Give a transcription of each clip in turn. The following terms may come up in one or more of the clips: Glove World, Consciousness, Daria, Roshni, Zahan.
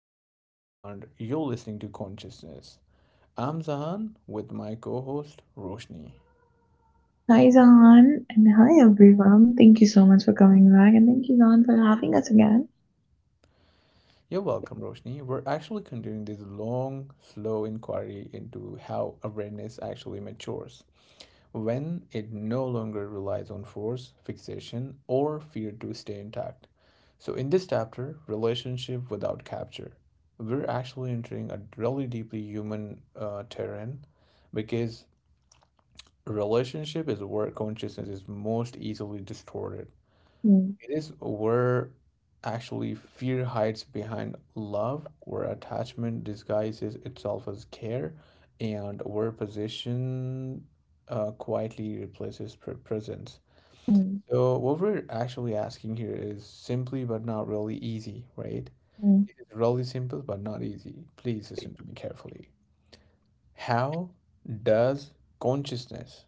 podcast, and you're listening to Consciousness. I'm Zahan with my co host, Roshni. Hi Zahan and hi everyone. Thank you so much for coming back and thank you Zahan for having us again. You're welcome, Roshni. We're actually continuing this long, slow inquiry into how awareness actually matures when it no longer relies on force, fixation, or fear to stay intact. So, in this chapter, Relationship Without Capture, we're actually entering a really deeply human terrain because relationship is where consciousness is most easily distorted. Mm, It is where actually fear hides behind love, where attachment disguises itself as care, and where position, quietly replaces presence. mm, So, what we're actually asking here is simply but not really easy, right? mm, It is really simple but not easy. Please listen to me carefully. How does consciousness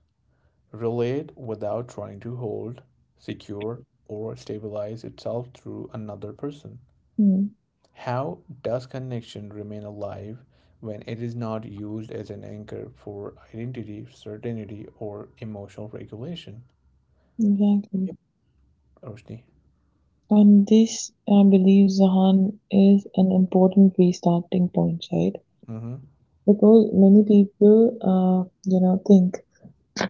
relate without trying to hold, secure, or stabilize itself through another person. mm. How does connection remain alive when it is not used as an anchor for identity, certainty, or emotional regulation? Exactly. Yep, Roshni. And this, I believe, Zahan, is an important restarting point, right? Mm-hmm. Because many people, think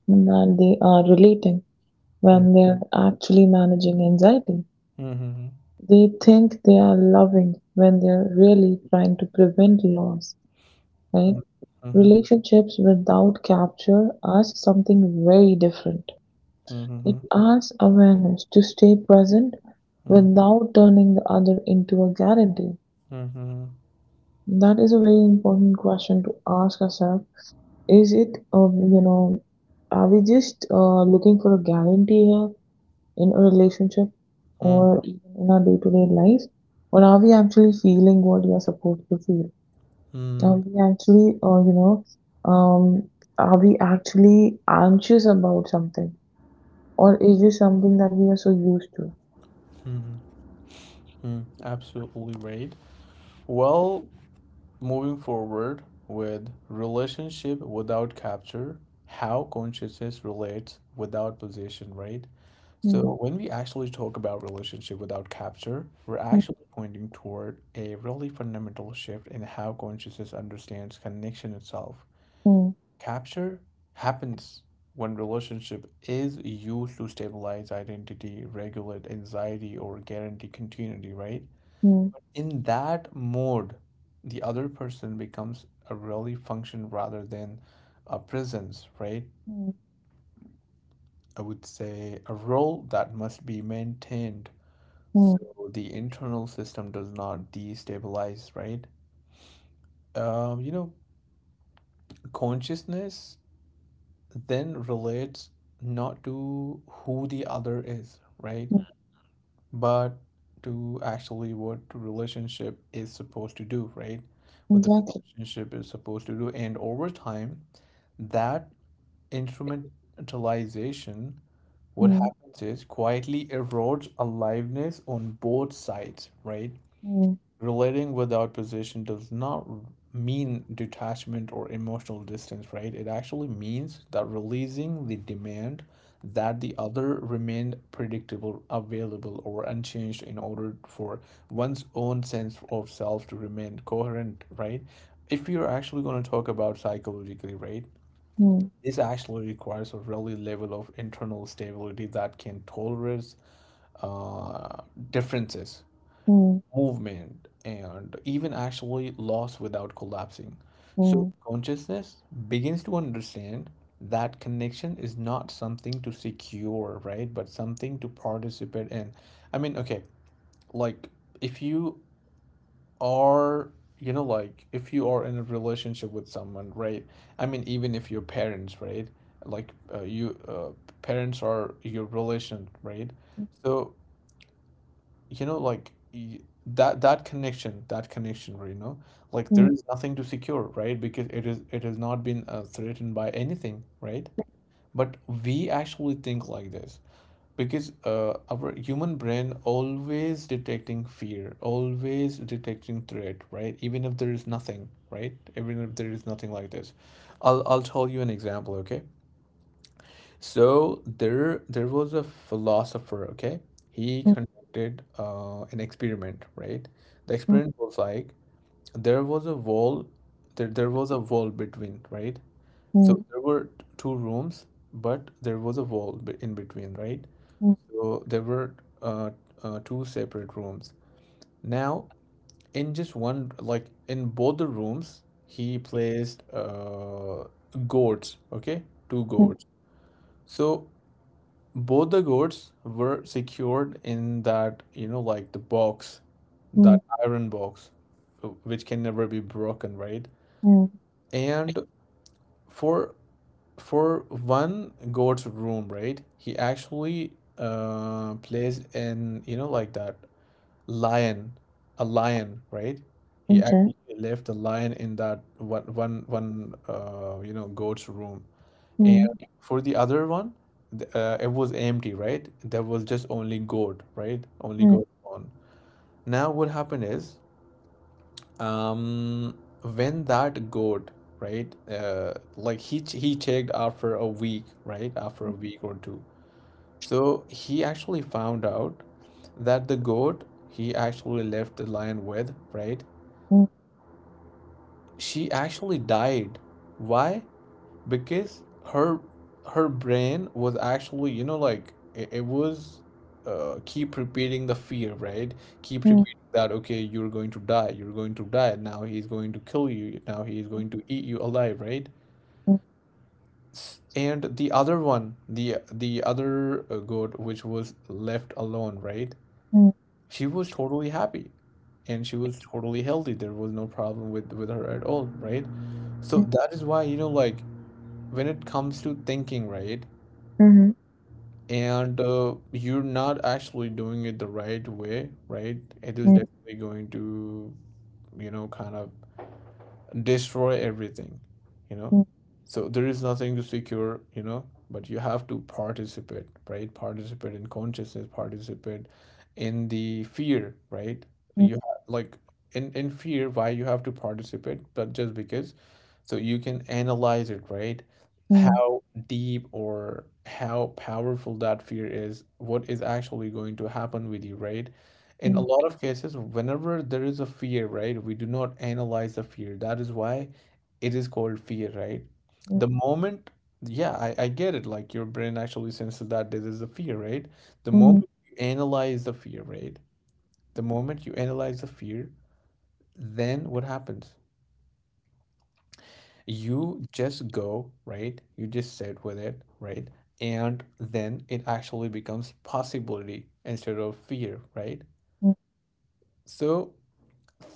and they are relating Mm-hmm. when they are actually managing anxiety. Mm-hmm. They think they are loving when they are really trying to prevent loss, right? Relationships without capture asks something very different. It Mm-hmm. asks awareness to stay present Mm-hmm. without turning the other into a guarantee. That is a very important question to ask ourselves. Is it, are we just looking for a guarantee here? In a relationship Mm-hmm. or even in our day-to-day life? Or are we actually feeling what we are supposed to feel? Are we actually, um, are we actually anxious about something? Or is this something that we are so used to? Mm-hmm. Absolutely right. Well, moving forward with relationship without capture, how consciousness relates without position, right? So Hmm. when we actually talk about relationship without capture, we're Hmm. actually pointing toward a really fundamental shift in how consciousness understands connection itself. Hmm. Capture happens when relationship is used to stabilize identity, regulate anxiety, or guarantee continuity, right? Hmm. In that mode, the other person becomes a really function rather than a presence, right? I would say a role that must be maintained Hmm. so the internal system does not destabilize, right? Um, you know, consciousness then relates not to who the other is, right? Hmm. But to actually what relationship is supposed to do, right? What the Exactly. relationship is supposed to do. And over time, that instrumentalization, what Hmm. happens is quietly erodes aliveness on both sides, right? Relating without position does not mean detachment or emotional distance, right? It actually means that releasing the demand that the other remain predictable, available, or unchanged in order for one's own sense of self to remain coherent, right? If you're actually going to talk about psychologically, right? This actually requires a really level of internal stability that can tolerate uh, differences movement, and even actually loss without collapsing. So, consciousness begins to understand that connection is not something to secure, right? But something to participate in. I mean, okay, like if you are, you know, like if you are in a relationship with someone, right? I mean, even if your parents, right? Like parents are your relation, right? So you know like that that connection where, you know, like there うんうんうんうん。うんうんうんうんうんうんうんうんうんじゃうんうんうんうんうんうんうんうんうんうんうんうんうんMm, is nothing to secure, right? Because it is it has not been threatened by anything, right? But we actually think like this because our human brain always detecting fear, always detecting threat, right? Even if there is nothing, right? Even if there is nothing like this. I'll tell you an example, okay? So there was a philosopher, okay? He conducted an experiment, right? The experiment was like there was a wall, there was a wall between, right? So there were two rooms, but there was a wall in between, right? So there were uh, two separate rooms. Now, in just one, like in both the rooms, he placed gourds, okay? Two gourds. So both the goods were secured in that, you know, like the box, that iron box, which can never be broken, right? And for for one goat's room, right? He actually plays in, you know, like that lion, a lion, right? He actually left a lion in that one you know goat's room. And for the other one, it was empty, right? There was just only goat, right? Only goat on. Now what happened is, um, when that goat, right, like he he checked after a week, right? After a week or two, so he actually found out that the goat he actually left the lion with, right? She actually died. Why? Because her her brain was actually, you know, like it was keep repeating the fear, right? Keep repeating that, okay, you're going to die, you're going to die, now he's going to kill you, now he's going to eat you alive, right? And the other one, the other goat which was left alone, right? She was totally happy and she was totally healthy. There was no problem with her at all, right? So that is why, you know, like when it comes to thinking, right? And you're not actually doing it the right way, right? It is definitely going to, you know, kind of destroy everything, you know. So there is nothing to secure, you know, but you have to participate, right? Participate in consciousness, participate in the fear, right? You have, like, in fear why you have to participate, but just because so you can analyze it, right? How deep or how powerful that fear is, what is actually going to happen with you, right? In a lot of cases, whenever there is a fear, right, we do not analyze the fear. That is why it is called fear, right? The moment, yeah, I get it. Like your brain actually senses that this is a fear, right? The moment you analyze the fear, right? The moment you analyze the fear, then what happens? You just go, right? You just sit with it, right? And then it actually becomes possibility instead of fear, right? So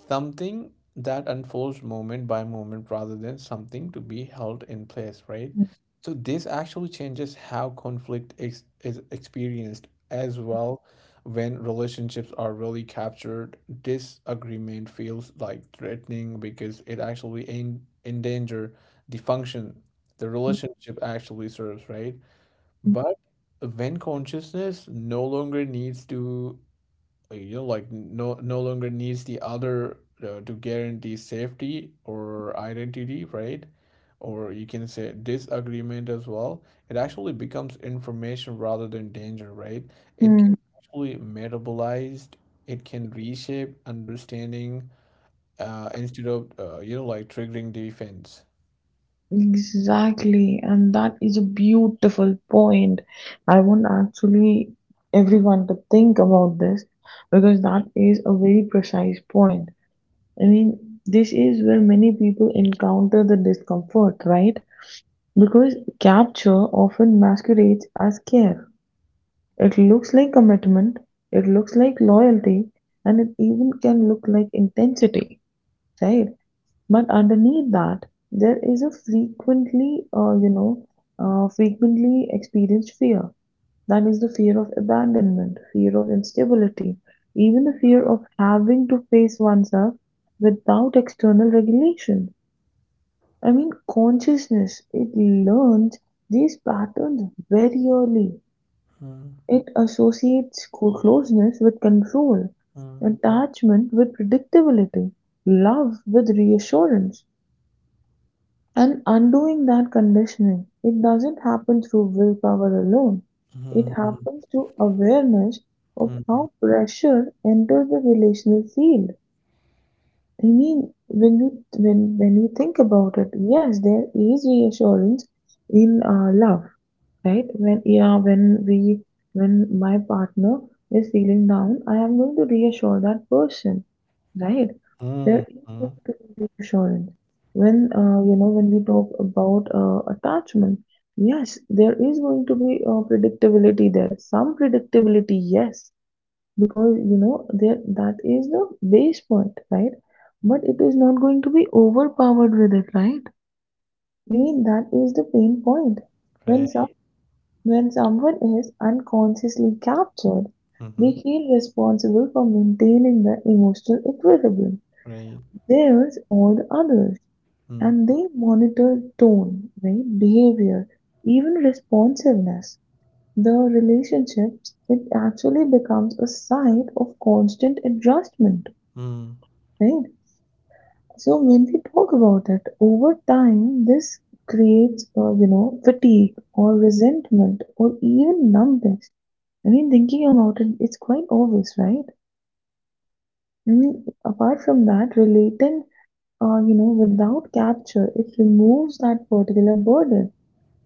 something that unfolds moment by moment rather than something to be held in place, right? So this actually changes how conflict ex is experienced as well when relationships are really captured. Disagreement feels like threatening because it actually en endanger the function the relationship actually serves, right? But when consciousness no longer needs to, like, you know, like no longer needs the other to guarantee safety or identity, right? Or you can say disagreement as well, it actually becomes information rather than danger, right? It can actually metabolized, it can reshape understanding, instead of you know, like triggering defense. Exactly, and that is a beautiful point. I want actually everyone to think about this because that is a very precise point. I mean, this is where many people encounter the discomfort, right? Because capture often masquerades as care. It looks like commitment, it looks like loyalty, and it even can look like intensity, right? But underneath that, there is a frequently, frequently experienced fear. That is the fear of abandonment, fear of instability, even the fear of having to face oneself without external regulation. I mean, consciousness, it learns these patterns very early. Hmm. It associates closeness with control, Hmm. attachment with predictability, love with reassurance. And undoing that conditioning, it doesn't happen through willpower alone. It Hmm. happens through awareness of Hmm. how pressure enters the relational field. I mean, when you when you think about it, yes, there is reassurance in love, right? When yeah, when we, when my partner is feeling down, I am going to reassure that person, right? Hmm. Hmm. There is Hmm. going to be reassurance. When when we talk about attachment, yes, there is going to be predictability there. Some predictability, yes, because you know there that is the base point, right? But it is not going to be overpowered with it, right? I mean, that is the pain point. When some, Right. when someone is unconsciously captured, Mhm. they feel responsible for maintaining the emotional equilibrium, Right. theirs or the others, Mm. and they monitor tone, right, behavior, even responsiveness. The relationships, it actually becomes a site of constant adjustment, Mm. right? So when we talk about it, over time, this creates, fatigue or resentment or even numbness. I mean, thinking about it, it's quite obvious, right? I mean, apart from that, relating, without capture, it removes that particular burden.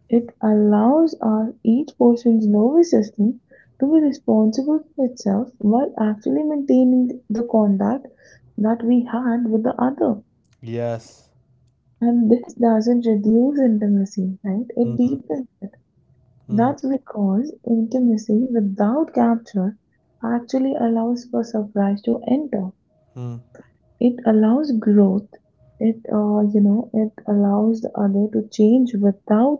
It allows our each person's nervous system to be responsible for itself while actually maintaining the contact that we had with the other. Yes. And this doesn't reduce intimacy, right? It deepens it. Mm. That's because intimacy without capture actually allows for surprise to enter. Mm. It allows growth. It, it allows the other to change without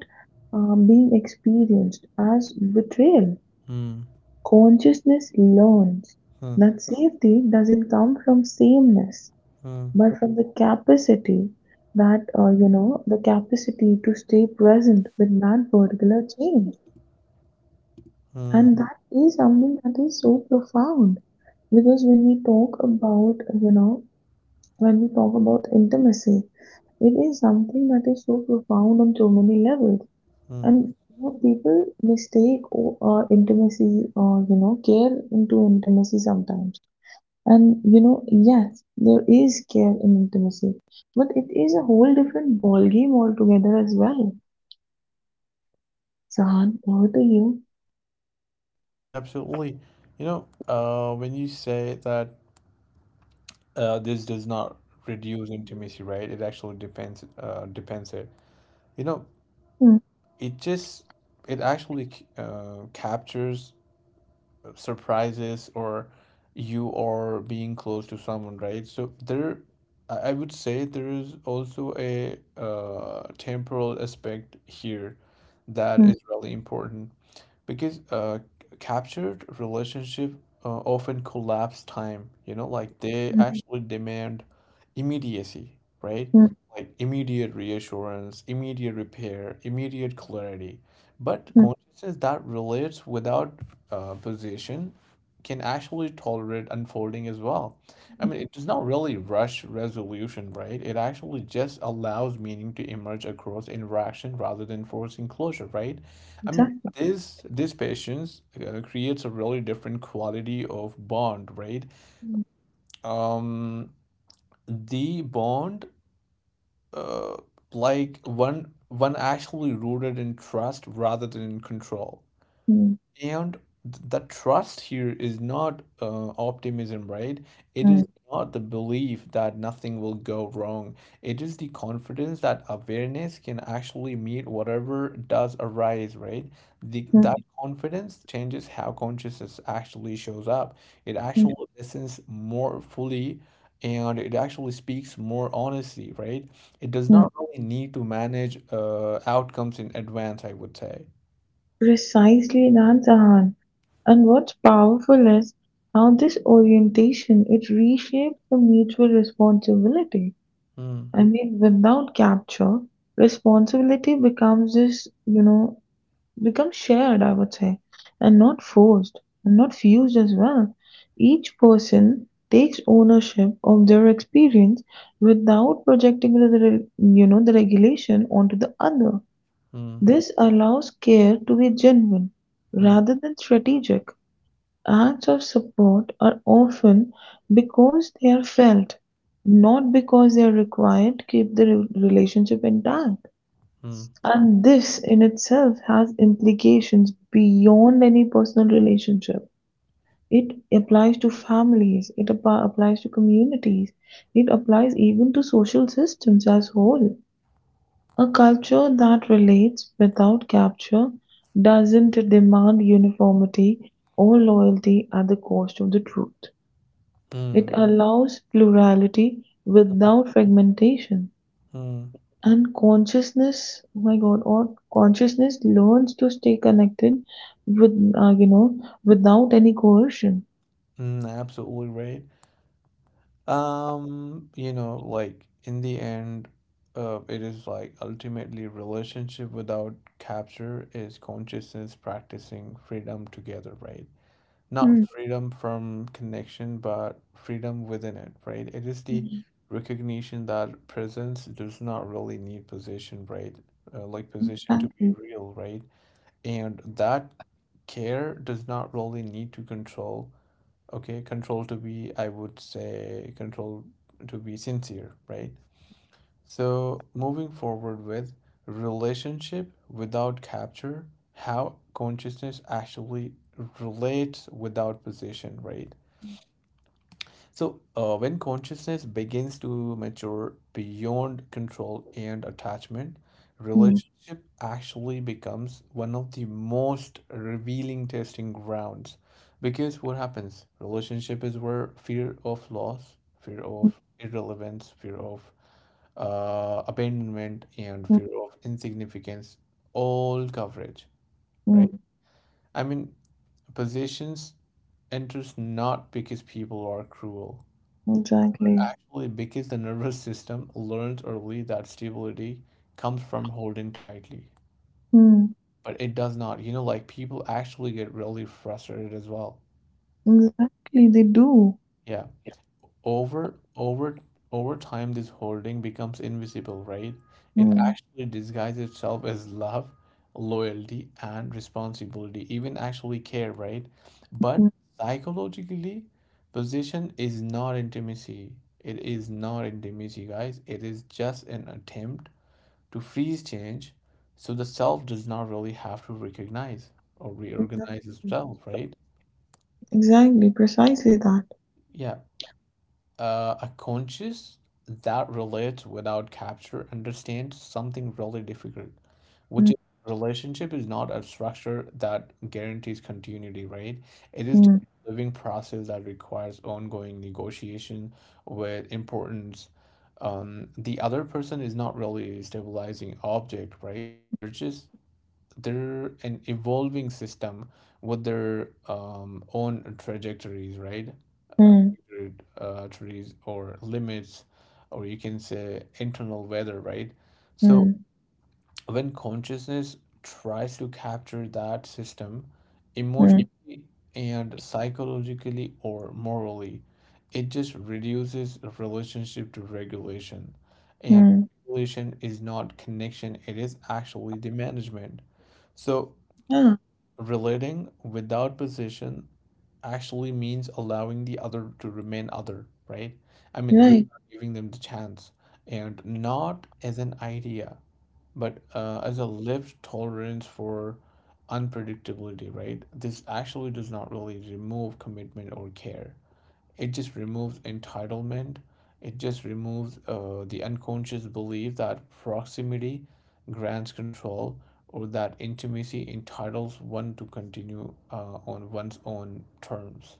being experienced as betrayal. Mm. Consciousness learns Mm. that safety doesn't come from sameness, Mm. but from the capacity that, the capacity to stay present with that particular change. Mm. And that is something that is so profound because when we talk about, when we talk about intimacy, it is something that is so profound on so many levels. Mm. And you know, people mistake oh, intimacy or you know care into intimacy sometimes. And you know, yes, there is care in intimacy, but it is a whole different ball game altogether as well. Sahan, over to you. Absolutely. You know, when you say that this does not reduce intimacy, right? It actually depends, it. You know, Hmm, it just it actually captures surprises or you are being close to someone, right? So there, I would say there is also a temporal aspect here that hmm, is really important because captured relationship often collapse time, you know, like they hmm, actually demand immediacy, right? hmm, Like immediate reassurance, immediate repair, immediate clarity. But hmm. consciousness that relates without position can actually tolerate unfolding as well. I Hmm. mean, it does not really rush resolution, right? It actually just allows meaning to emerge across interaction rather than forcing closure, right? I mean, Exactly. this patience creates a really different quality of bond, right? Hmm, Um, the bond, uh, like one actually rooted in trust rather than in control. hmm, And the trust here is not optimism, right? It hmm, is not the belief that nothing will go wrong. It is the confidence that awareness can actually meet whatever does arise, right? That hmm, confidence changes how consciousness actually shows up. It actually hmm. listens more fully, and it actually speaks more honestly, right? It does Mm. not really need to manage outcomes in advance, I would say. Precisely that, Sahan. And what's powerful is how this orientation it reshapes the mutual responsibility. Mm. I mean, without capture, responsibility becomes this, you know, become shared, I would say, and not forced and not fused as well. Each person takes ownership of their experience without projecting the, you know the regulation onto the other. Mm. This allows care to be genuine Mm. rather than strategic. Acts of support are often because they are felt, not because they are required to keep the relationship intact. Mm. And this in itself has implications beyond any personal relationship. It applies to families, it applies to communities, it applies even to social systems as whole. A culture that relates without capture doesn't demand uniformity or loyalty at the cost of the truth. It Mm. allows plurality without fragmentation. Mm. And consciousness, oh my God, or consciousness learns to stay connected with, without any coercion. Mm, absolutely right. You know, like in the end, it is like ultimately relationship without capture is consciousness practicing freedom together, right? Not Mm, freedom from connection, but freedom within it, right? It is the mm. recognition that presence does not really need position, right? Like position to be Exactly. real, right? And that care does not really need to control. Okay, control to be, I would say, control to be sincere, right? So, moving forward with relationship without capture, how consciousness actually relates without position, right? So, when consciousness begins to mature beyond control and attachment, Mm, relationship actually becomes one of the most revealing testing grounds. Because what happens? Relationship is where fear of loss, fear of irrelevance, fear of abandonment, and mm, mm, fear of insignificance all coverage, right? mm. I mean, possessions enters not because people are cruel but Exactly. actually because the nervous system learns early that stability comes from holding tightly. Mm, But it does not. You know, like people actually get really frustrated as well. exactly, they do. Yeah. over over over time, this holding becomes invisible, right? It Mm, actually disguises itself as love, loyalty, and responsibility, even actually care, right? But mm, psychologically, possession is not intimacy. It is not intimacy, guys. It is just an attempt to freeze change, so the self does not really have to recognize or exactly. reorganize itself, right? Exactly, precisely that. Yeah. A conscious that relates without capture understands something really difficult, which Mm, is relationship is not a structure that guarantees continuity, right? It is just mm, a living process that requires ongoing negotiation with importance. The other person is not really a stabilizing object, right? They're just they're an evolving system with their own trajectories, right? Uh, mm, trajectories or limits, or you can say internal weather, right? So mm, when consciousness tries to capture that system mm, emotionally and psychologically or morally, it just reduces the relationship to regulation. And mm. regulation is not connection, it is actually the management. So, Yeah, relating without position actually means allowing the other to remain other, right? I mean, you're right. not giving them the chance and not as an idea but as a lived tolerance for unpredictability, right? This actually does not really remove commitment or care. It just removes entitlement. It just removes the unconscious belief that proximity grants control, or that intimacy entitles one to continue on one's own terms,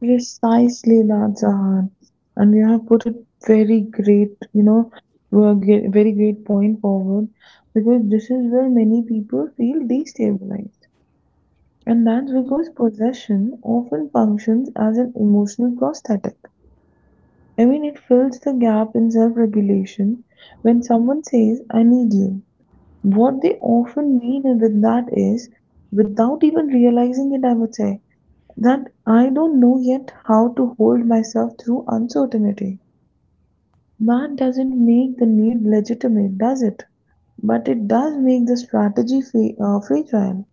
Precisely, Jahan, and you have put a very great, you know, very great point forward because this is where many people feel destabilized, and that's because possession often functions as an emotional prosthetic. I mean, it fills the gap in self regulation when someone says, I need you. What they often mean with that is, without even realizing it, I would say, that I don't know yet how to hold myself through uncertainty. That doesn't make the need legitimate, does it? But it does make the strategy fragile.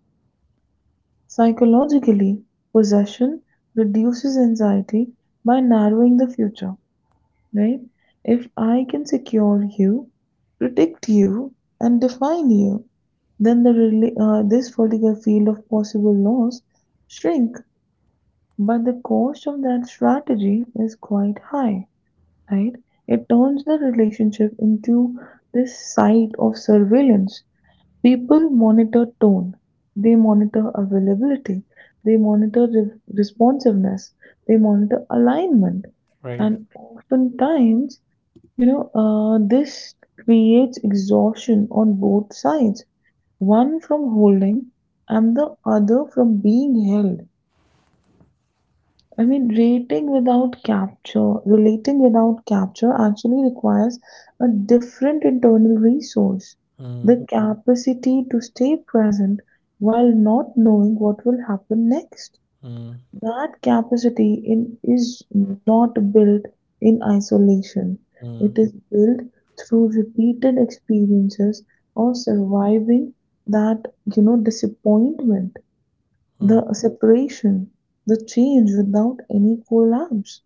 Psychologically, possession reduces anxiety by narrowing the future, right? If I can secure you, predict you, and define you, then the this particular field of possible loss shrink. But the cost of that strategy is quite high, right? It turns the relationship into this site of surveillance. People monitor tone, they monitor availability, they monitor responsiveness, they monitor alignment, right? and oftentimes, this creates exhaustion on both sides, one from holding and the other from being held. I mean, rating without capture, relating without capture actually requires a different internal resource. Mm, The capacity to stay present while not knowing what will happen next. mm, That capacity is not built in isolation. mm, It is built through repeated experiences of surviving that, you know, disappointment, mm, the separation, the change without any collapse.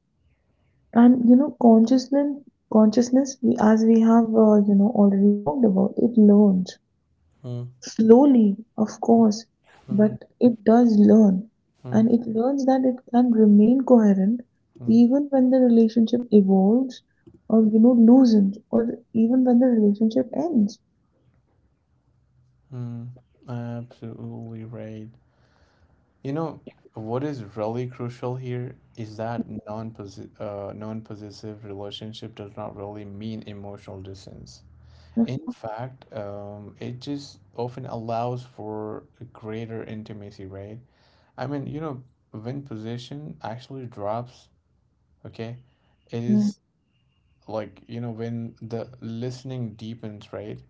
And you know, consciousness, we, as we have already talked about, it learns mm, mm, slowly, of course, mm, but it does learn, mm, and it learns that it can remain coherent mm, even when the relationship evolves, or you know loosens, or even when the relationship ends. mm. Absolutely right. You know, what is really crucial here is that non-possessive relationship does not really mean emotional distance. Of In course. fact, it just often allows for a greater intimacy, right? I mean, you know, when possession actually drops, okay, it Mm, is like, you know, when the listening deepens, right?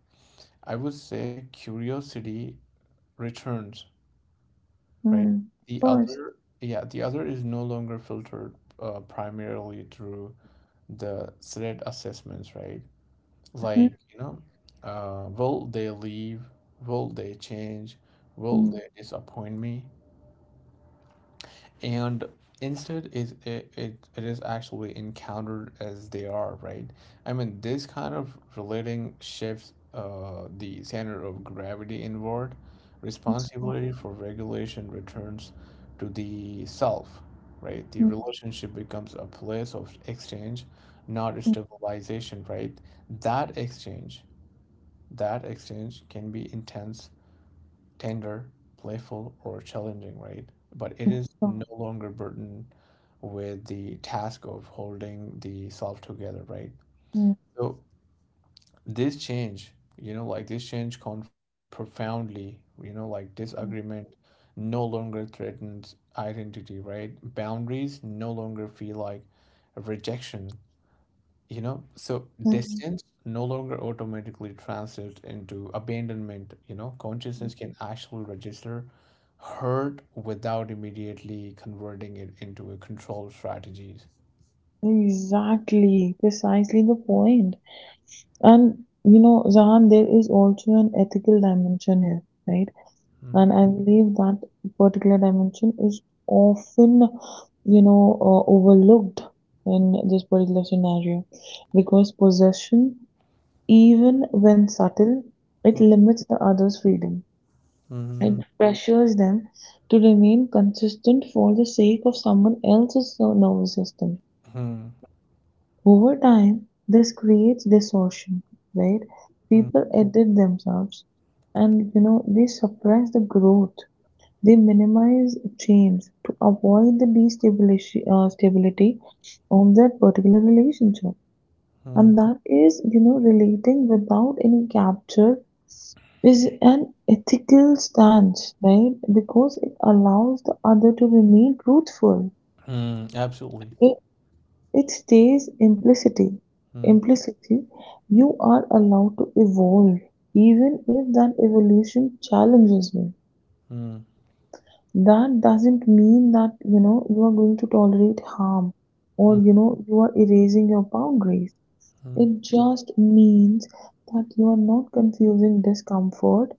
I would say curiosity returns, right? mm. Of The course. other, yeah, the other is no longer filtered primarily through the threat assessments, right? Mm, Like, you know, will they leave? Will they change? Will mm. they disappoint me? And instead it is actually encountered as they are, right? I mean, this kind of relating shifts the center of gravity inward. Peaceful. Responsibility for regulation returns to the self, right? The Mm, relationship becomes a place of exchange, not a stabilization, right? That exchange that exchange can be intense, tender, playful, or challenging, right? But it is peaceful. no longer burdened with the task of holding the self together, right? Mm, So this change, you know, like this change conflict profoundly, you know, like mm, disagreement no longer threatens identity, right? Boundaries no longer feel like rejection, you know, so mm. distance no longer automatically translates into abandonment. You know, consciousness can actually register hurt without immediately converting it into a control strategies. Exactly, precisely the point. And you know, Zahan, there is also an ethical dimension here, right? And Mhm, I believe that particular dimension is often, overlooked in this particular scenario because possession, even when subtle, it limits the other's freedom. It mhm, pressures them to remain consistent for the sake of someone else's nervous system. mhm, Over time, this creates distortion, right? mhm, People edit themselves and you know they suppress the growth, they minimize change to avoid the stability of that particular relationship. mhm, And that is, you know, relating without any capture is an ethical stance, right? Because it allows the other to remain truthful. mhm. Absolutely. It, it stays implicitly. Mhm, Implicitly, you are allowed to evolve, even if that evolution challenges me. mhm, That doesn't mean that you know you are going to tolerate harm or mhm, you know you are erasing your boundaries. mhm. It just means that you are not confusing discomfort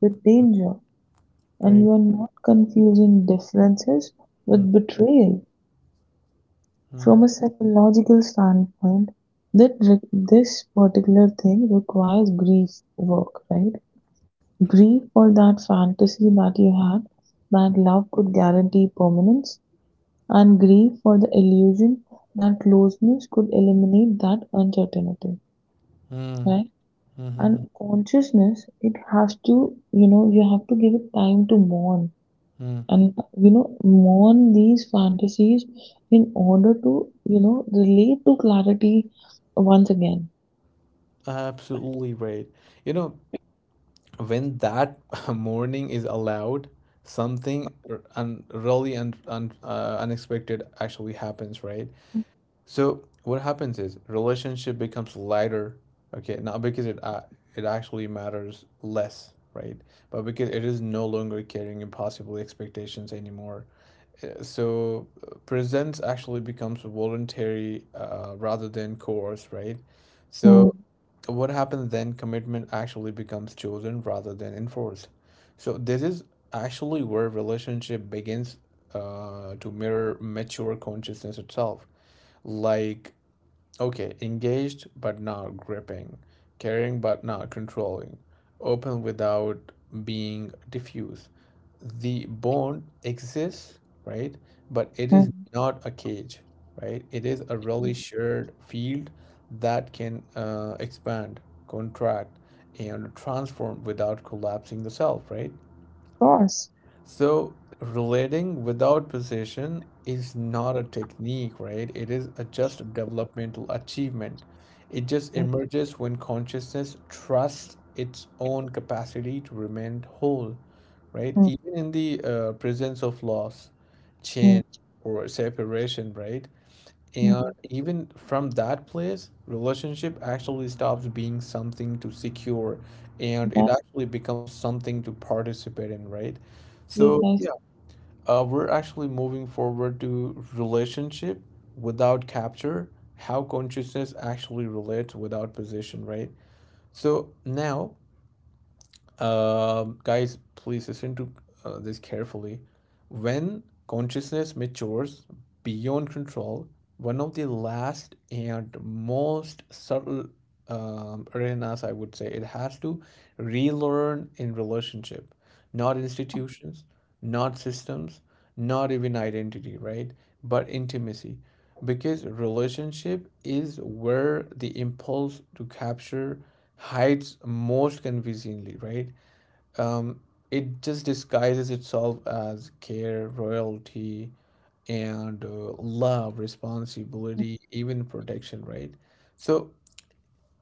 with danger, and you Right. are not confusing differences Mhm, with betrayal. From mhm, a psychological standpoint, that this particular thing requires grief work, right? Grief for that fantasy that you had, that love could guarantee permanence, and grieve for the illusion that closeness could eliminate that uncertainty, mhm, right? mhm, And consciousness, it has to, you know, you have to give it time to mourn mhm. and, you know, mourn these fantasies in order to, you know, relate to clarity once again. Absolutely right. You know, when that morning is allowed, something unexpected actually happens, right? Mm. So what happens is relationship becomes lighter, okay, not because it actually matters less, right? But because it is no longer carrying impossible expectations anymore. So presence actually becomes voluntary rather than coerced, right? Mm, So what happens then commitment actually becomes chosen rather than enforced, so this is actually where relationship begins to mirror mature consciousness itself, like okay, engaged but not gripping, caring but not controlling, open without being diffuse. The bond exists, right? But it is mm, not a cage, right? It is a of really shared field that can expand, contract, and transform without collapsing the self, right? course. So, relating without possession is not a technique, right? It is a just a developmental achievement. It just But emerges when consciousness trusts its own capacity to remain whole, right? mm, Even in the presence of loss, mm, change, or separation, right? And mm. even from that place, relationship actually stops being something to secure and it That actually becomes something to participate in, right? So, business, of yeah, we're actually moving forward to relationship without capture, how consciousness actually relates without position, right? So, now, guys, please listen to this carefully. When consciousness matures beyond control, one of the last and most subtle arenas, I would say, it has to relearn in relationship, not institutions, not systems, not even identity, right? But intimacy. Because relationship is where the impulse to capture hides most convincingly, right? Um, it just disguises itself as care, royalty, and love, responsibility, even protection, right? So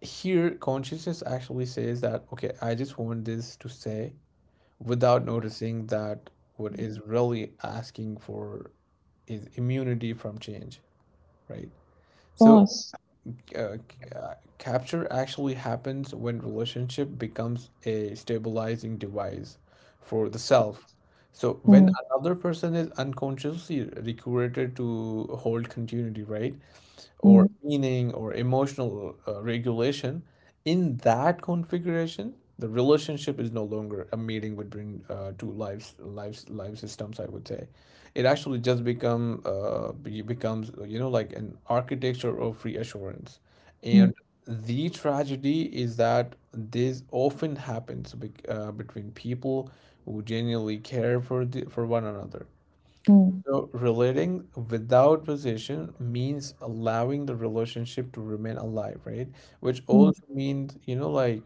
here, consciousness actually says that, okay, I just want this to say without noticing that what is really asking for is immunity from change, right? So course. uh, capture actually happens when relationship becomes a stabilizing device for the self. So when Mm, another person is unconsciously recruited to hold continuity, right? Or mm, meaning or emotional regulation, in that configuration, the relationship is no longer a meeting between two life systems, I would say. It actually just becomes, you know, like an architecture of reassurance, mm, and the tragedy is that this often happens between people who genuinely care for for one another. mm, So relating without possession means allowing the relationship to remain alive, right? Which mm, also means, you know, like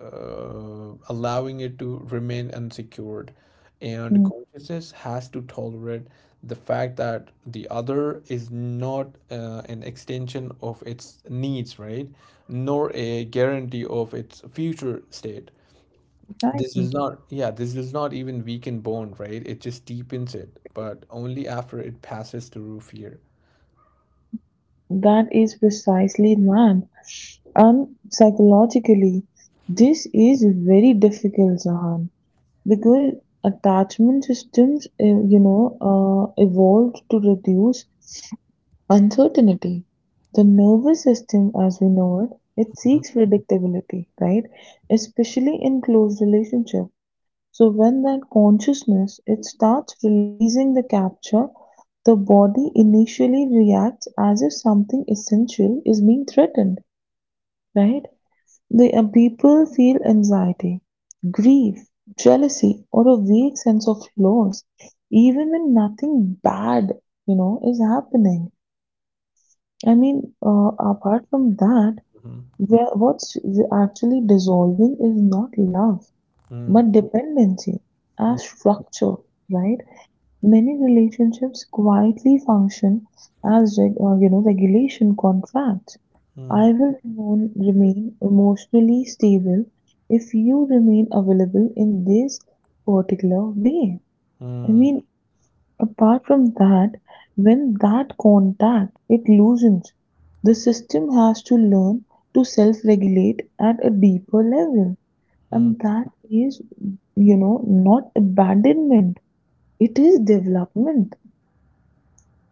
allowing it to remain unsecured. And mm. consciousness has to tolerate the fact that the other is not an extension of its needs, right? Nor a guarantee of its future state. Right. This does not, yeah, this does not even weaken bone, right? It just deepens it, but only after it passes through fear. That is precisely that. And psychologically, this is very difficult, Zahan. Because attachment systems, evolved to reduce uncertainty. The nervous system, as we know it, it Mhm, seeks predictability, right? Especially in close relationship. So when that consciousness it starts releasing the capture, the body initially reacts as if something essential is being threatened, right? The people feel anxiety, grief, jealousy, or a vague sense of loss, even when nothing bad, you know, is happening. I mean, apart from that, mhm, where what's actually dissolving is not love, mm, but dependency as structure, right? Many relationships quietly function as you know regulation contracts. mm, I will remain emotionally stable if you remain available in this particular way. I mm, mean, apart from that, when that contact it loosens, the system has to learn to self-regulate at a deeper level, mm, and that is, you know, not abandonment. It is development.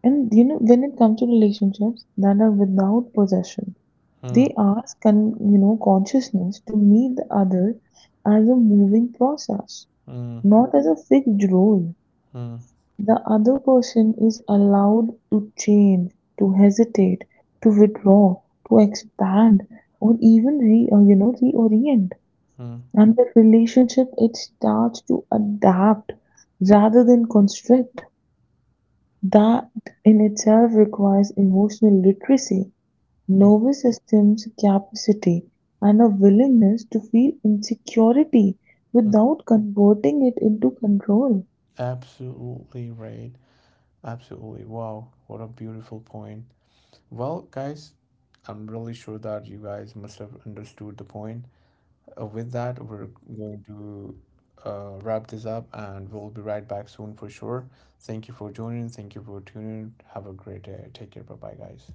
And you know, when it comes to relationships that are without possession, mm, they mm, ask you know consciousness to meet the other as a moving process, mm, not as a fixed role. mm, The other person is allowed to change, to hesitate, to withdraw, to expand, or even re you know reorient. mm, And the relationship it starts to adapt rather than constrict. That in itself requires emotional literacy, mm, nervous system's capacity, and a willingness to feel insecurity mm. without converting it into control. Absolutely right. Absolutely. Wow, what a beautiful point. Well, guys, I'm really sure that you guys must have understood the point. With that, we're going to wrap this up, and we'll be right back soon for sure. Thank you for joining. Thank you for tuning in. Have a great day. Take care. Bye bye, guys.